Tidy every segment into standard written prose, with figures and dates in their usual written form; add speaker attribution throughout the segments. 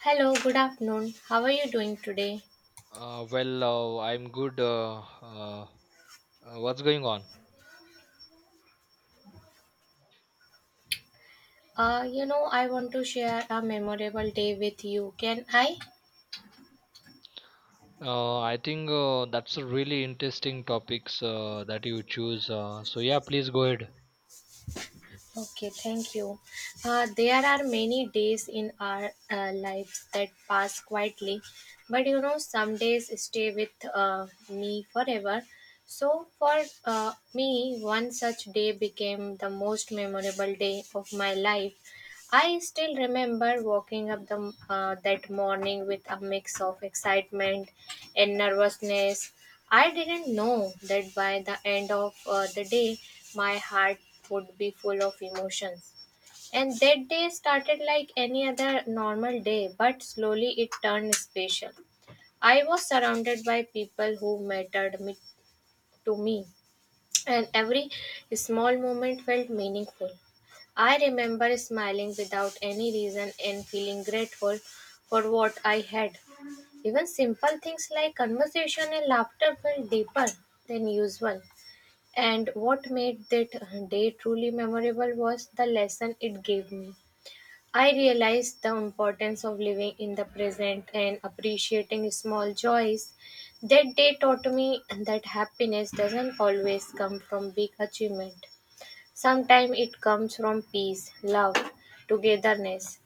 Speaker 1: Hello, good afternoon. How are you doing today?
Speaker 2: Well, I'm good. What's going on?
Speaker 1: I want to share a memorable day with you. Can I?
Speaker 2: I think that's a really interesting topics that you choose. So yeah, please go ahead.
Speaker 1: Okay, thank you. There are many days in our lives that pass quietly, but you know, some days stay with me forever. So, for me, one such day became the most memorable day of my life. I still remember waking up that morning with a mix of excitement and nervousness. I didn't know that by the end of the day, my heart would be full of emotions. And that day started like any other normal day, but slowly it turned special. I was surrounded by people who mattered me, to me and every small moment felt meaningful. I remember smiling without any reason and feeling grateful for what I had. Even simple things like conversation and laughter felt deeper than usual. And what made that day truly memorable was the lesson it gave me. I realized the importance of living in the present and appreciating small joys. That day taught me that happiness doesn't always come from big achievement. Sometimes it comes from peace, love, togetherness.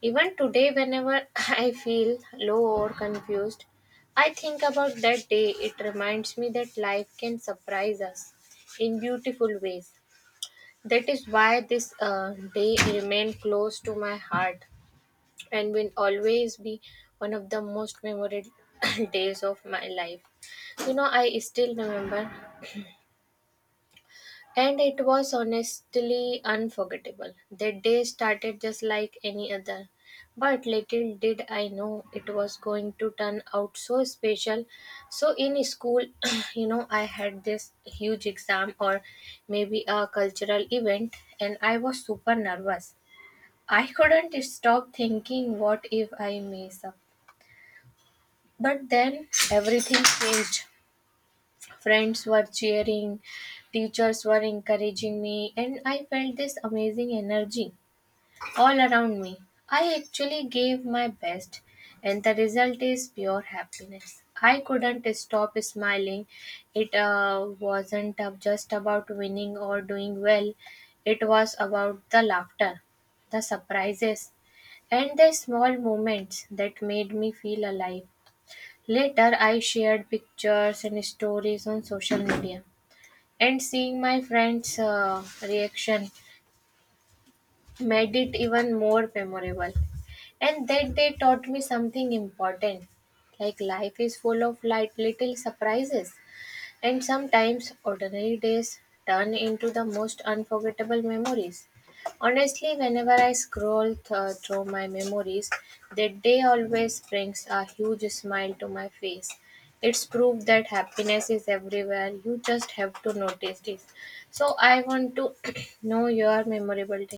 Speaker 1: Even today, whenever I feel low or confused, I think about that day. It reminds me that life can surprise us in beautiful ways. That is why this day remained close to my heart and will always be one of the most memorable days of my life. You know, I still remember, and it was honestly unforgettable. That day started just like any other, but little did I know it was going to turn out so special. So, in school, you know, I had this huge exam or maybe a cultural event, and I was super nervous. I couldn't stop thinking, what if I mess up? But then everything changed. Friends were cheering, teachers were encouraging me, and I felt this amazing energy all around me. I actually gave my best, and the result is pure happiness. I couldn't stop smiling. It wasn't just about winning or doing well, it was about the laughter, the surprises, and the small moments that made me feel alive. Later I shared pictures and stories on social media, and seeing my friends' reaction made it even more memorable. And that day taught me something important like life is full of light, little surprises and sometimes ordinary days turn into the most unforgettable memories. Honestly, whenever I scroll through my memories, that day always brings a huge smile to my face. It's proof that happiness is everywhere. You just have to notice this. So, I want to know your memorable day.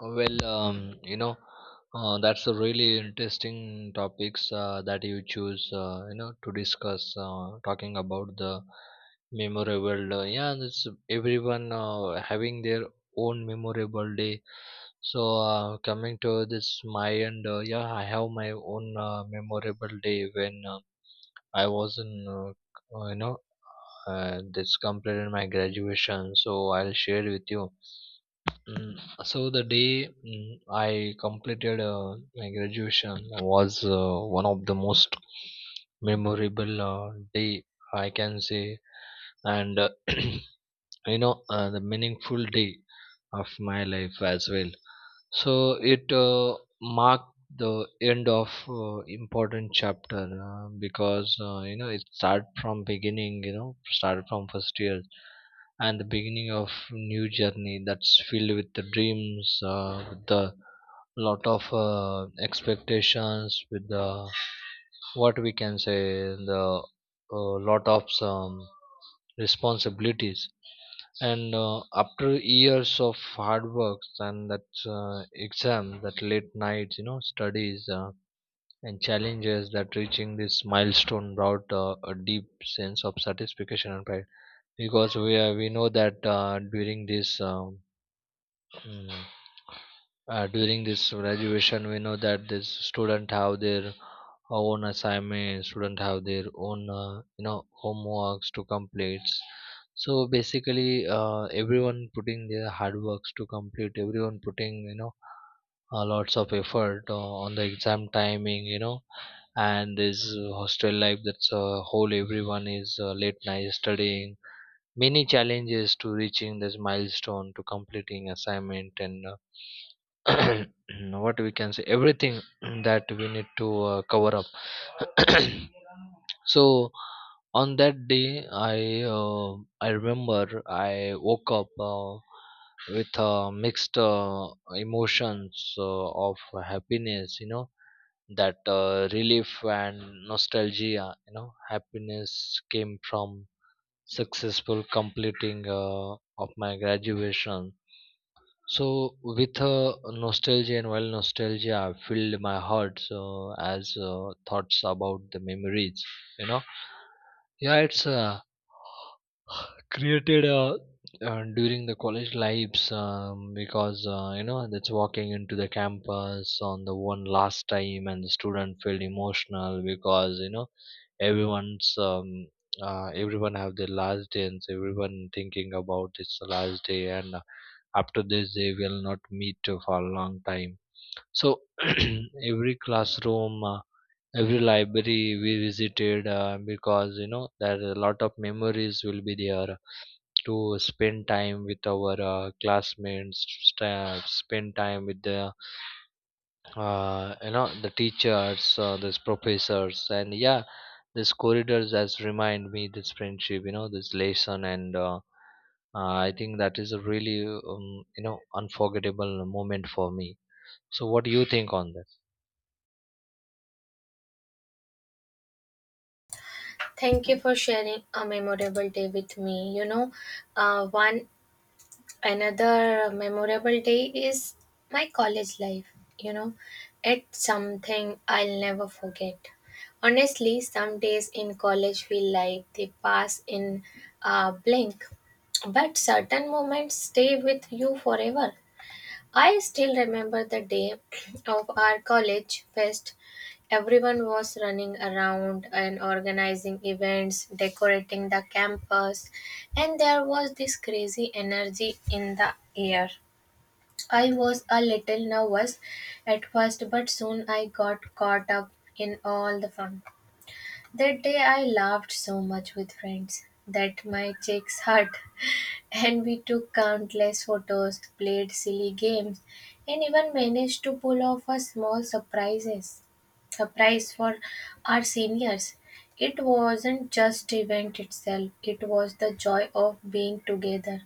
Speaker 2: Well, that's a really interesting topics that you choose, to discuss. Talking about the memorable, yeah, this everyone having their own memorable day. So coming to this my end, yeah, I have my own memorable day when I was in, this completed my graduation. So I'll share with you. Mm, so the day I completed my graduation was one of the most memorable day I can say, and the meaningful day of my life as well. So it marked the end of important chapter because you know it started from beginning, started from first year, and the beginning of new journey that's filled with the dreams, with the lot of expectations, with the what we can say the lot of some responsibilities, and after years of hard work and that exams, that late nights, studies, and challenges that reaching this milestone brought a deep sense of satisfaction and pride because we know that during this Mm. During this graduation, we know that this student have their own assignments, student have their own homeworks to complete. So basically, everyone putting their hard works to complete. Everyone putting lots of effort on the exam timing. You know, and this hostel life that's whole everyone is late night studying many challenges to reaching this milestone, to completing assignment, and uh, what we can say everything that we need to cover up. So on that day uh, I remember I woke up with mixed emotions of happiness, you know, that relief and nostalgia. You know, happiness came from successful completing of my graduation. So, with nostalgia, and while nostalgia filled my heart, so as thoughts about the memories, you know, yeah, it's created during the college lives, because you know that's walking into the campus on the one last time, and the student felt emotional because you know everyone's everyone have their last day, and everyone thinking about its last day, and after this they will not meet for a long time. So every classroom, every library we visited, because you know there are a lot of memories will be there to spend time with our classmates, st- spend time with the you know the teachers, these professors, and yeah, this corridors has remind me this friendship, you know, this lesson, and I think that is a really unforgettable moment for me. So what do you think on that?
Speaker 1: Thank you for sharing a memorable day with me. You know, one Another memorable day is my college life. You know, it's something I'll never forget. Honestly, some days in college feel like they pass in a blink, but certain moments stay with you forever. I still remember the day of our college fest. Everyone was running around and organizing events, decorating the campus, and there was this crazy energy in the air. I was a little nervous at first, but soon I got caught up in all the fun. That day I laughed so much with friends that my cheeks hurt. And we took countless photos, played silly games, and even managed to pull off a small surprises surprise for our seniors. It wasn't just event itself, it was the joy of being together,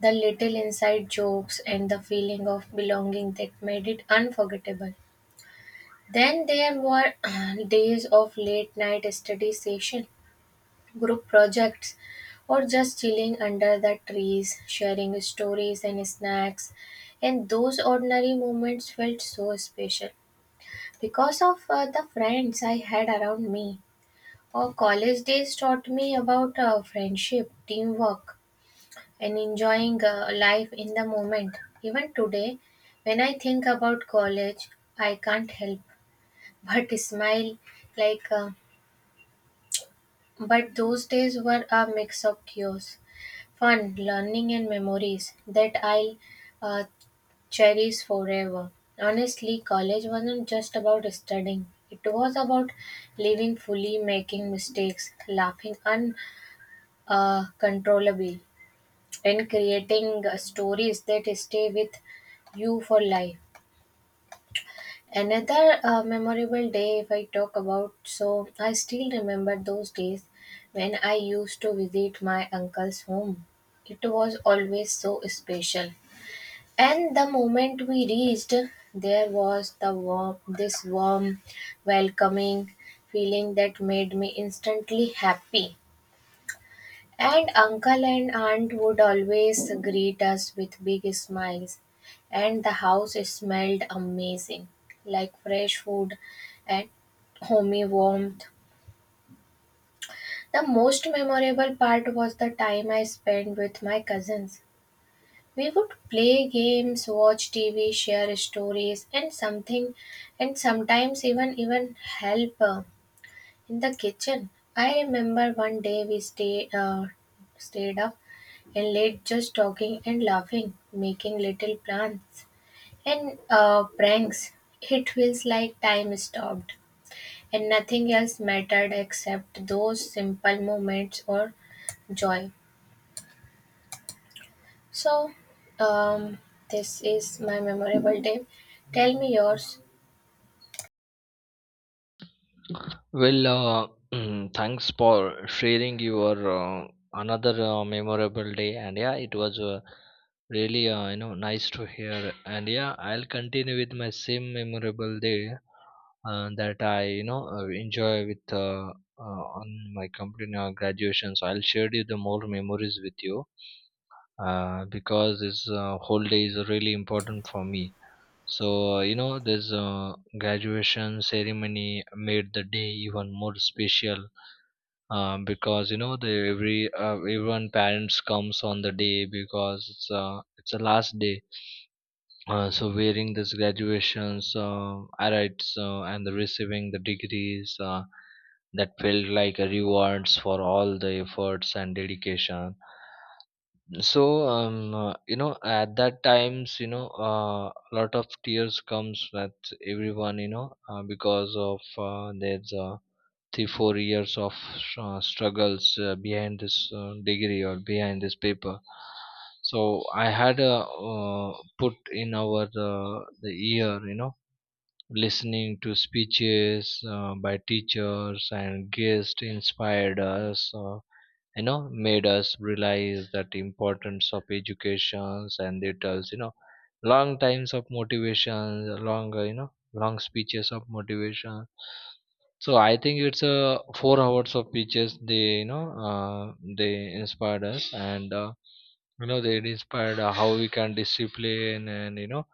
Speaker 1: the little inside jokes and the feeling of belonging that made it unforgettable. Then there were days of late night study session group projects, or just chilling under the trees, sharing stories and snacks. And those ordinary moments felt so special because of the friends I had around me. Our college days taught me about friendship, teamwork, and enjoying life in the moment. Even today, when I think about college, I can't help but smile like. Uh, But those days were a mix of chaos, fun, learning, and memories that I'll uh, cherish forever. Honestly, college wasn't just about studying, it was about living fully, making mistakes, laughing uncontrollably, and creating stories that stay with you for life. Another memorable day, if I talk about, so I still remember those days when I used to visit my uncle's home. It was always so special. And the moment we reached, there was this warm, welcoming feeling that made me instantly happy. And uncle and aunt would always greet us with big smiles, and the house smelled amazing, like fresh food and homey warmth. The most memorable part was the time I spent with my cousins. We would play games, watch TV, share stories, and sometimes even help. In the kitchen. I remember one day we stayed up and late, just talking and laughing, making little plans and pranks. It feels like time stopped, and nothing else mattered except those simple moments or joy. So, um, this is my memorable day. Tell me yours.
Speaker 2: Well, thanks for sharing your another memorable day, and yeah, it was really nice to hear. And yeah, I'll continue with my same memorable day that I enjoy with on my company graduation. So I'll share you the more memories with you because this whole day is really important for me. So, this graduation ceremony made the day even more special because you know the everyone parents comes on the day because it's the last day. So wearing this graduations alrights, and the receiving the degrees, that felt like a rewards for all the efforts and dedication. So at that times, you know, a lot of tears comes with everyone, you know, because of there's 3-4 years of struggles behind this degree or behind this paper. So I had put in our the year, you know, listening to speeches by teachers and guests inspired us, made us realize that importance of educations, and it tells you know long times of motivation, long long speeches of motivation. So I think it's 4 hours of speeches. They inspired us, and they inspired how we can discipline, and you know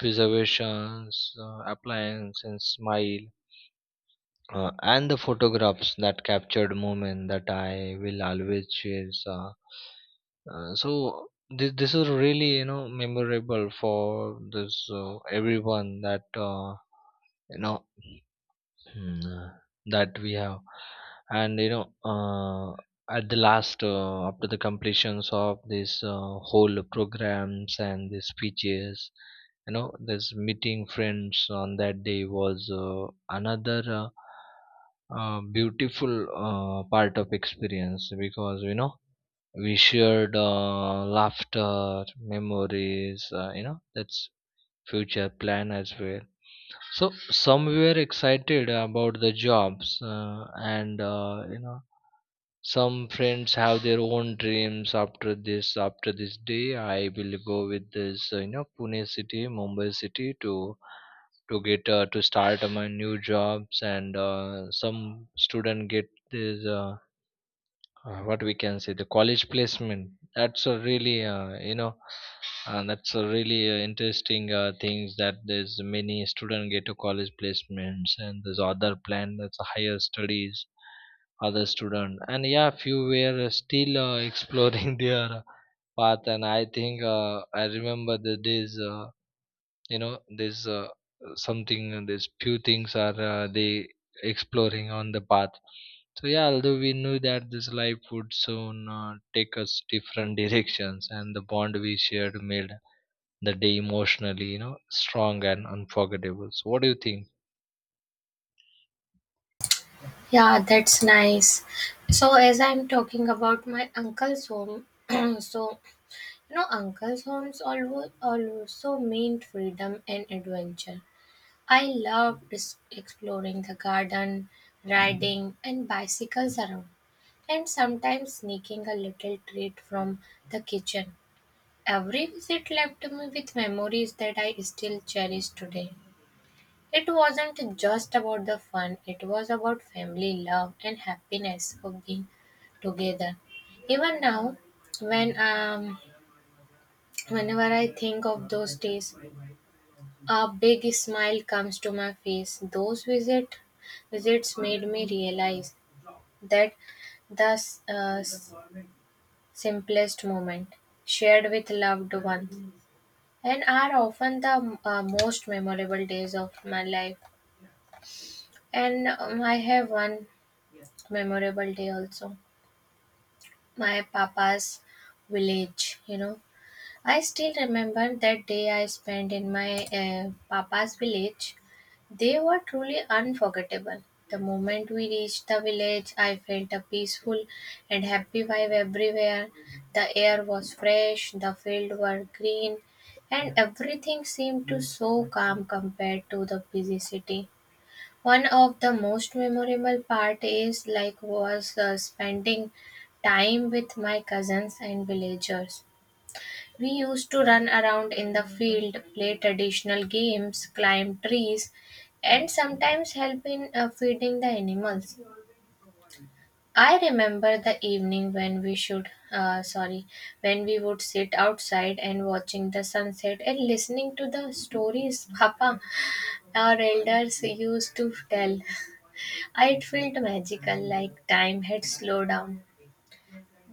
Speaker 2: preservations, appliance and smile, and the photographs that captured moment that I will always chase. So this is really, you know, memorable for this everyone, that you know Mm, uh, that we have. And you know at the last, after the completions of this whole programs and the speeches, you know, this meeting friends on that day was another beautiful part of experience because you know we shared laughter memories, that's future plan as well. So some were excited about the jobs, and some friends have their own dreams after this. After this day, I will go with this, Pune city, Mumbai city, to get to start my new jobs. And some student get this. What we can say the college placement, that's a really that's a really interesting things, that there's many student get to college placements, and there's other plan, that's a higher studies other student, and yeah, few were still exploring their path. And I think I remember the days, there's something there's few things are they exploring on the path. So yeah, although we knew that this life would soon take us different directions, and the bond we shared made the day emotionally, you know, strong and unforgettable. So what do you think?
Speaker 1: Yeah, that's nice. So, as I'm talking about my uncle's home, so No, uncle's homes also meant freedom and adventure. I loved exploring the garden, riding, and bicycles around, and sometimes sneaking a little treat from the kitchen. Every visit left me with memories that I still cherish today. It wasn't just about the fun, it was about family love and happiness of being together. Even now, when um, whenever I think of those days, a big smile comes to my face. Those visits made me realize that the uh, simplest moment shared with loved ones and are often the most memorable days of my life. And I have one memorable day also, my papa's village, you know. I still remember that day I spent in my papa's village. They were truly unforgettable. The moment we reached the village, I felt a peaceful and happy vibe everywhere. The air was fresh, the fields were green, and everything seemed to so calm compared to the busy city. One of the most memorable part is like was spending time with my cousins and villagers. We used to run around in the field, play traditional games, climb trees, and sometimes help in feeding the animals. I remember the evening when when we would sit outside and watching the sunset and listening to the stories Papa, our elders used to tell. It felt magical, like time had slowed down.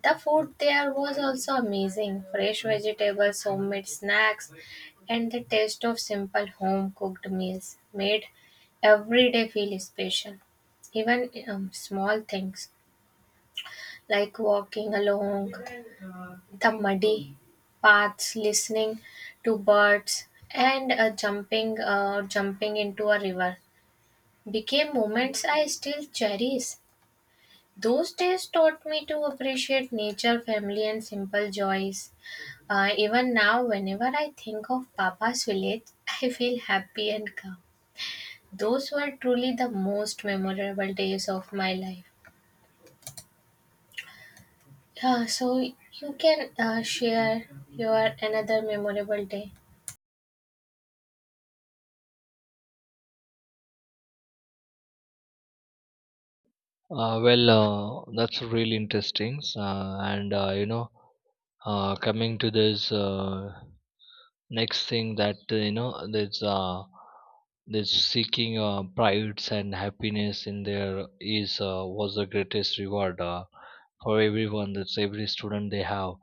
Speaker 1: The food there was also amazing fresh vegetables, homemade snacks, and the taste of simple home cooked meals made every day feel special. Even small things like walking along the muddy paths, listening to birds, and jumping into a river became moments I still cherish. Those days taught me to appreciate nature, family, and simple joys. Even now, whenever I think of Papa's village, I feel happy and calm. Those were truly the most memorable days of my life. Yeah, so you can share your another memorable day.
Speaker 2: Well, that's really interesting. And coming to this next thing, that there's this seeking prides and happiness in there is was the greatest reward for everyone, that's every student they have.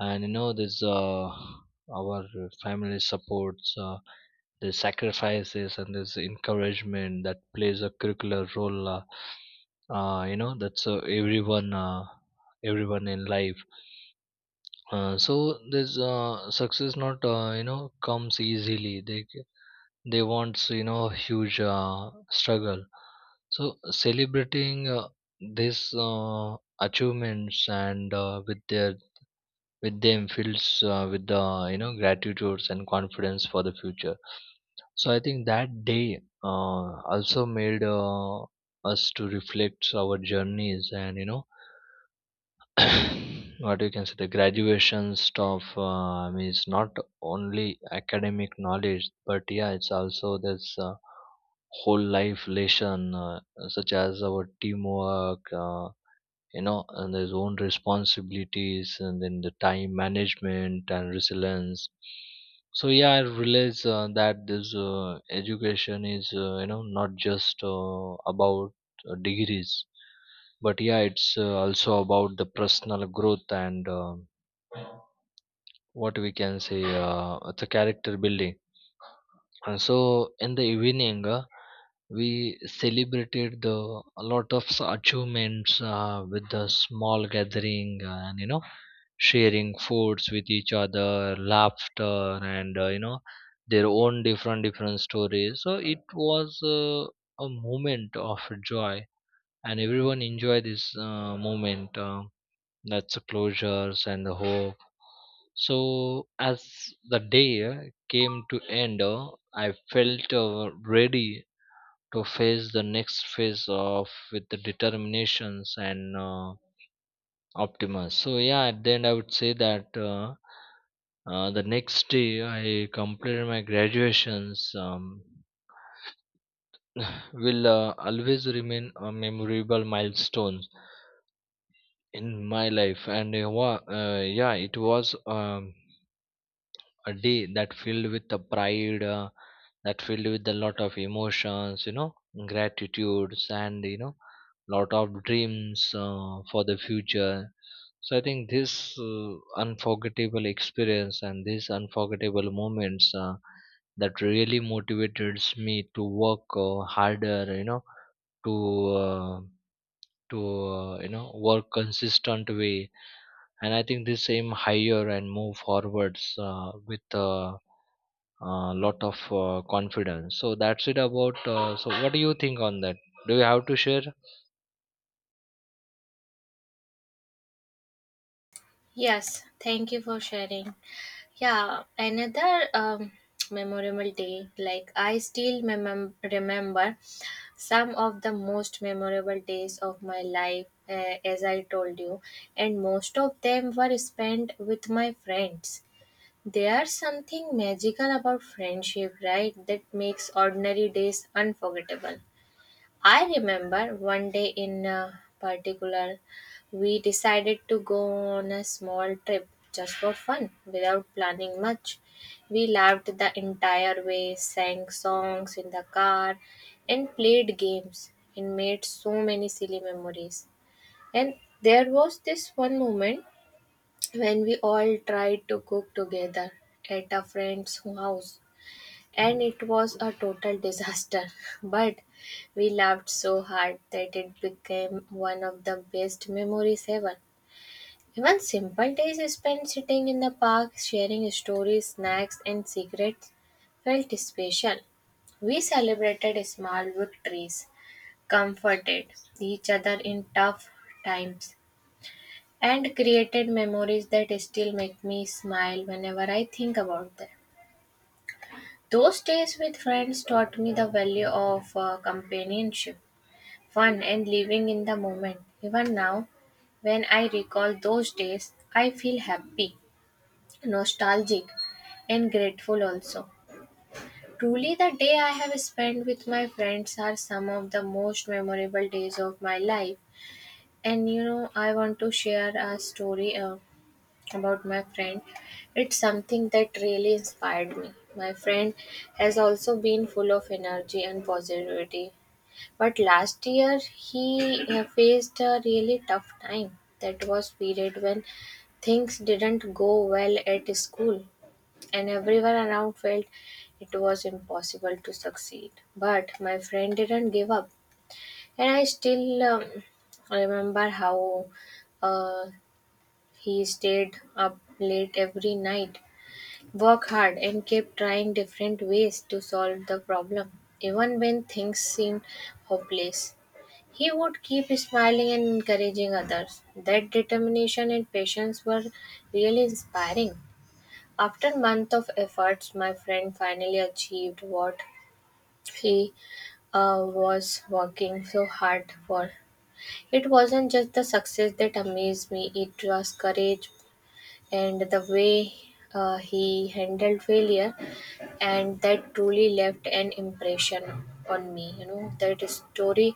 Speaker 2: And you know this our family supports, the sacrifices and this encouragement that plays a curricular role, that's everyone everyone in life. So this success not comes easily. They want, you know, huge struggle. So celebrating this achievements and with them feels with the, you know, gratitudes and confidence for the future. So I think that day also made us to reflect our journeys, and you know what you can say the graduation stuff, I mean, it's not only academic knowledge, but yeah, it's also this whole life lesson, such as our teamwork, and his own responsibilities, and then the time management and resilience. So yeah, I realize that this education is, not just about degrees, but yeah, it's also about the personal growth and what we can say, it's character building. So in the evening, we celebrated the a lot of achievements with the small gathering, and you know sharing foods with each other, laughter, and their own different stories. So it was a moment of joy, and everyone enjoyed this moment. That's closures and the hope. So as the day came to end, I felt ready to face the next phase of with the determinations and optimism. So yeah, at the end I would say that the next day I completed my graduations. Will always remain a memorable milestone in my life and yeah it was a day that filled with the pride that filled with a lot of emotions gratitudes and lot of dreams for the future. So I think this uh, unforgettable experience and these unforgettable moments that really motivated me to work harder, to uh, work consistent way. And I think this aim higher and move forwards with lot of confidence. So that's it about. So what do you think on that, do you have to share?
Speaker 1: Yes, thank you for sharing. Yeah, another memorable day. Like I still remember some of the most memorable days of my life, as I told you, and most of them were spent with my friends. There's something magical about friendship, right? That makes ordinary days unforgettable. I remember one day in particular, we decided to go on a small trip just for fun without planning much. We laughed the entire way, sang songs in the car, and played games and made so many silly memories. And there was this one moment when we all tried to cook together at a friend's house, and it was a total disaster, but we laughed so hard that it became one of the best memories ever. Even simple days spent sitting in the park sharing stories, snacks, and secrets felt special. We celebrated small victories, comforted each other in tough times, and created memories that still make me smile whenever I think about them. Those days with friends taught me the value of companionship, fun, and living in the moment. Even now, when I recall those days, I feel happy, nostalgic, and grateful also. Truly, the day I have spent with my friends are some of the most memorable days of my life. And you know, I want to share a story about my friend. It's something that really inspired me. My friend has also been full of energy and positivity, but last year he faced a really tough time. That was period when things didn't go well at school and everyone around felt it was impossible to succeed, but my friend didn't give up. And I still remember how uh, he stayed up late every night, worked hard, and kept trying different ways to solve the problem, even when things seemed hopeless. He would keep smiling and encouraging others. That determination and patience were really inspiring. After months of efforts, my friend finally achieved what he was working so hard for. It wasn't just the success that amazed me, it was courage, and the way he handled failure, and that truly left an impression on me. You know that story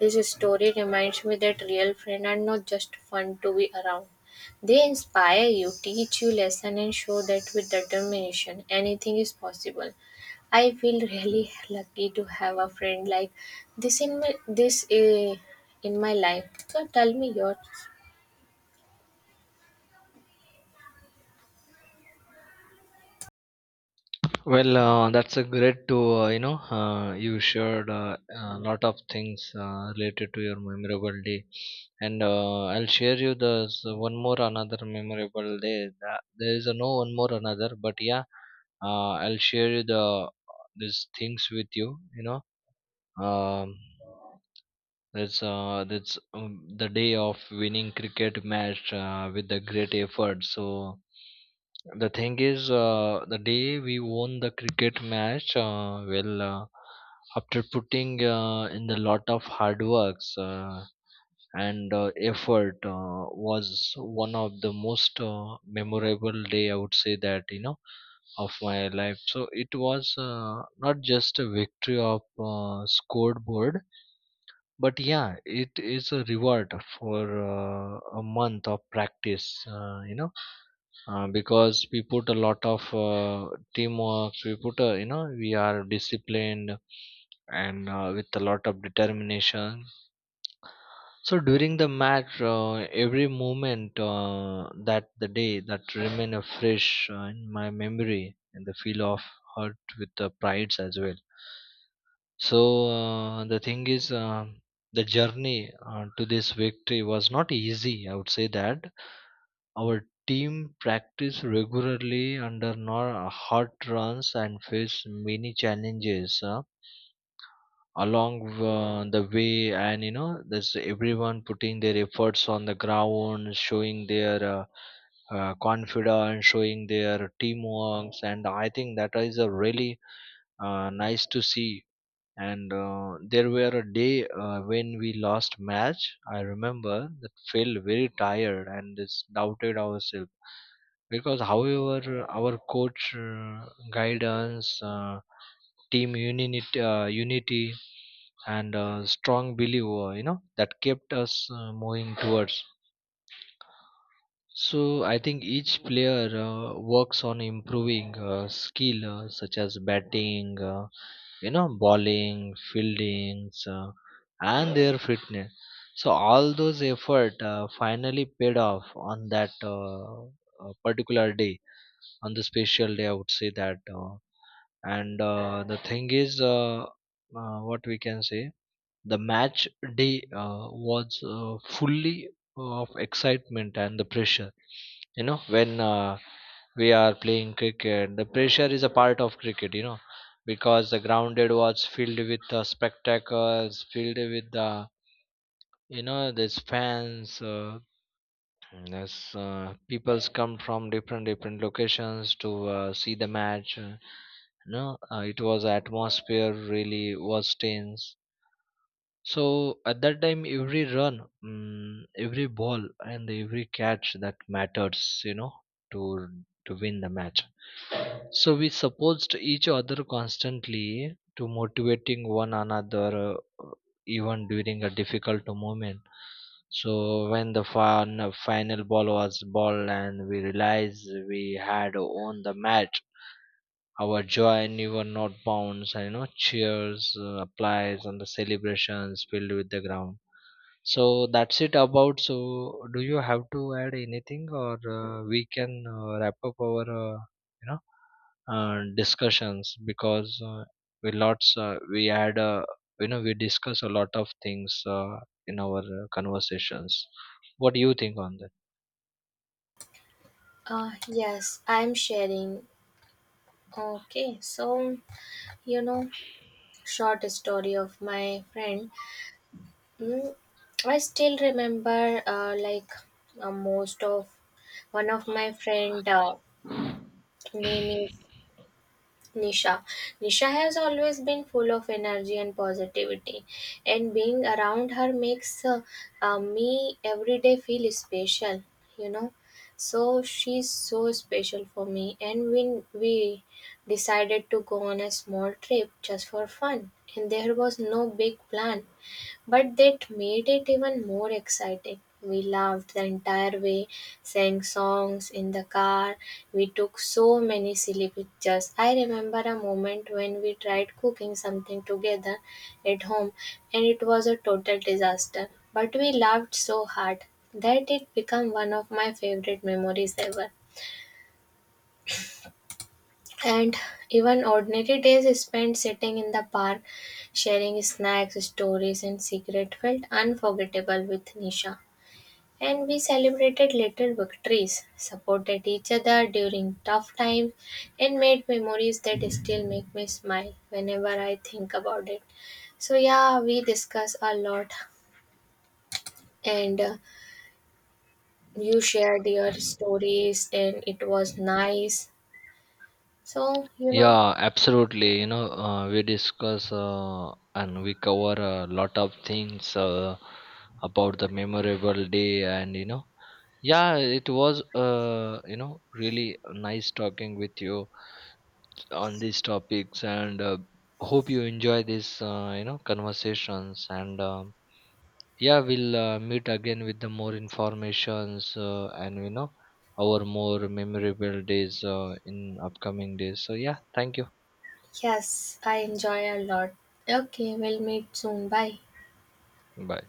Speaker 1: This story reminds me that real friends are not just fun to be around. They inspire you, teach you lesson, and show that with determination anything is possible. I feel really lucky to have a friend like this in my life. So tell me yours.
Speaker 2: Well, that's a great to you shared a lot of things related to your memorable day, and I'll share you the one more another memorable day. There is a no one more another but yeah, I'll share you the these things with you, you know um, that's the day of winning cricket match with a great effort. So the thing is, the day we won the cricket match, after putting in the lot of hard works and effort, was one of the most memorable day, I would say that, of my life. So it was not just a victory of scoreboard, but yeah it is a reward for a month of practice, because we put a lot of teamwork, we put a, we are disciplined and with a lot of determination. So during the match every moment that the day that remain a fresh in my memory and the feel of hurt with the prides as well. So the thing is, the journey to this victory was not easy, I would say that. Our team practiced regularly under nor hot runs and faced many challenges along the way. And you know, there's everyone putting their efforts on the ground, showing their confidence, showing their teamworks, and I think that is a really nice to see. And there were a day when we lost match, I remember that felt very tired and just doubted ourselves, because however our coach guidance, team unity unity and strong believer, you know, that kept us moving towards. So I think each player works on improving skill such as batting, bowling, fieldings, and their fitness. So all those effort finally paid off on that particular day, on the special day, I would say that. And the thing is, what we can say. The match day was fully of excitement and the pressure. You know, when we are playing cricket, the pressure is a part of cricket. You know, because the grounded was filled with the spectacles, filled with the, these fans. There's people's come from different different locations to see the match. You know, it was atmosphere really was tense. So at that time, every run, every ball, and every catch that matters, you know, to win the match. So we supposed each other constantly to motivating one another, uh, even during a difficult moment. So when the final ball was ball and we realized we had won the match, our joy never not bounds, and you know cheers, applause, and the celebrations filled with the ground. So that's it about. So do you have to add anything, or we can wrap up our you know discussions, because we lots we had we discuss a lot of things in our conversations. What do you think on
Speaker 1: Yes, I'm sharing. Okay, so you know, short story of my friend. Mm, I still remember, like most of one of my friend
Speaker 2: that?
Speaker 1: name is Nisha. Nisha has always been full of energy and positivity, and being around her makes me every day feel special, you know. So she's so special for me, and when we decided to go on a small trip just for fun, and there was no big plan, but that made it even more exciting. We laughed the entire way, sang songs in the car. We took so many silly pictures. I remember a moment when we tried cooking something together at home, and it was a total disaster. But we laughed so hard that it became one of my favorite memories ever. And even ordinary days spent sitting in the park, sharing snacks, stories, and secret felt unforgettable with Nisha. And we celebrated little victories, supported each other during tough times, and made memories that still make me smile whenever I think about it. So, yeah, we discuss a lot, and you shared your stories, and it was nice. So, you know,
Speaker 2: Yeah, absolutely. You know, we discuss and we cover a lot of things about the memorable day, and you know, yeah, it was really nice talking with you on these topics, and hope you enjoy this conversations. And yeah, we'll meet again with the more informations and you know our more memorable days in upcoming days. So yeah, thank you.
Speaker 1: yes, I enjoy a lot. Okay, we'll meet soon. Bye.
Speaker 2: Bye.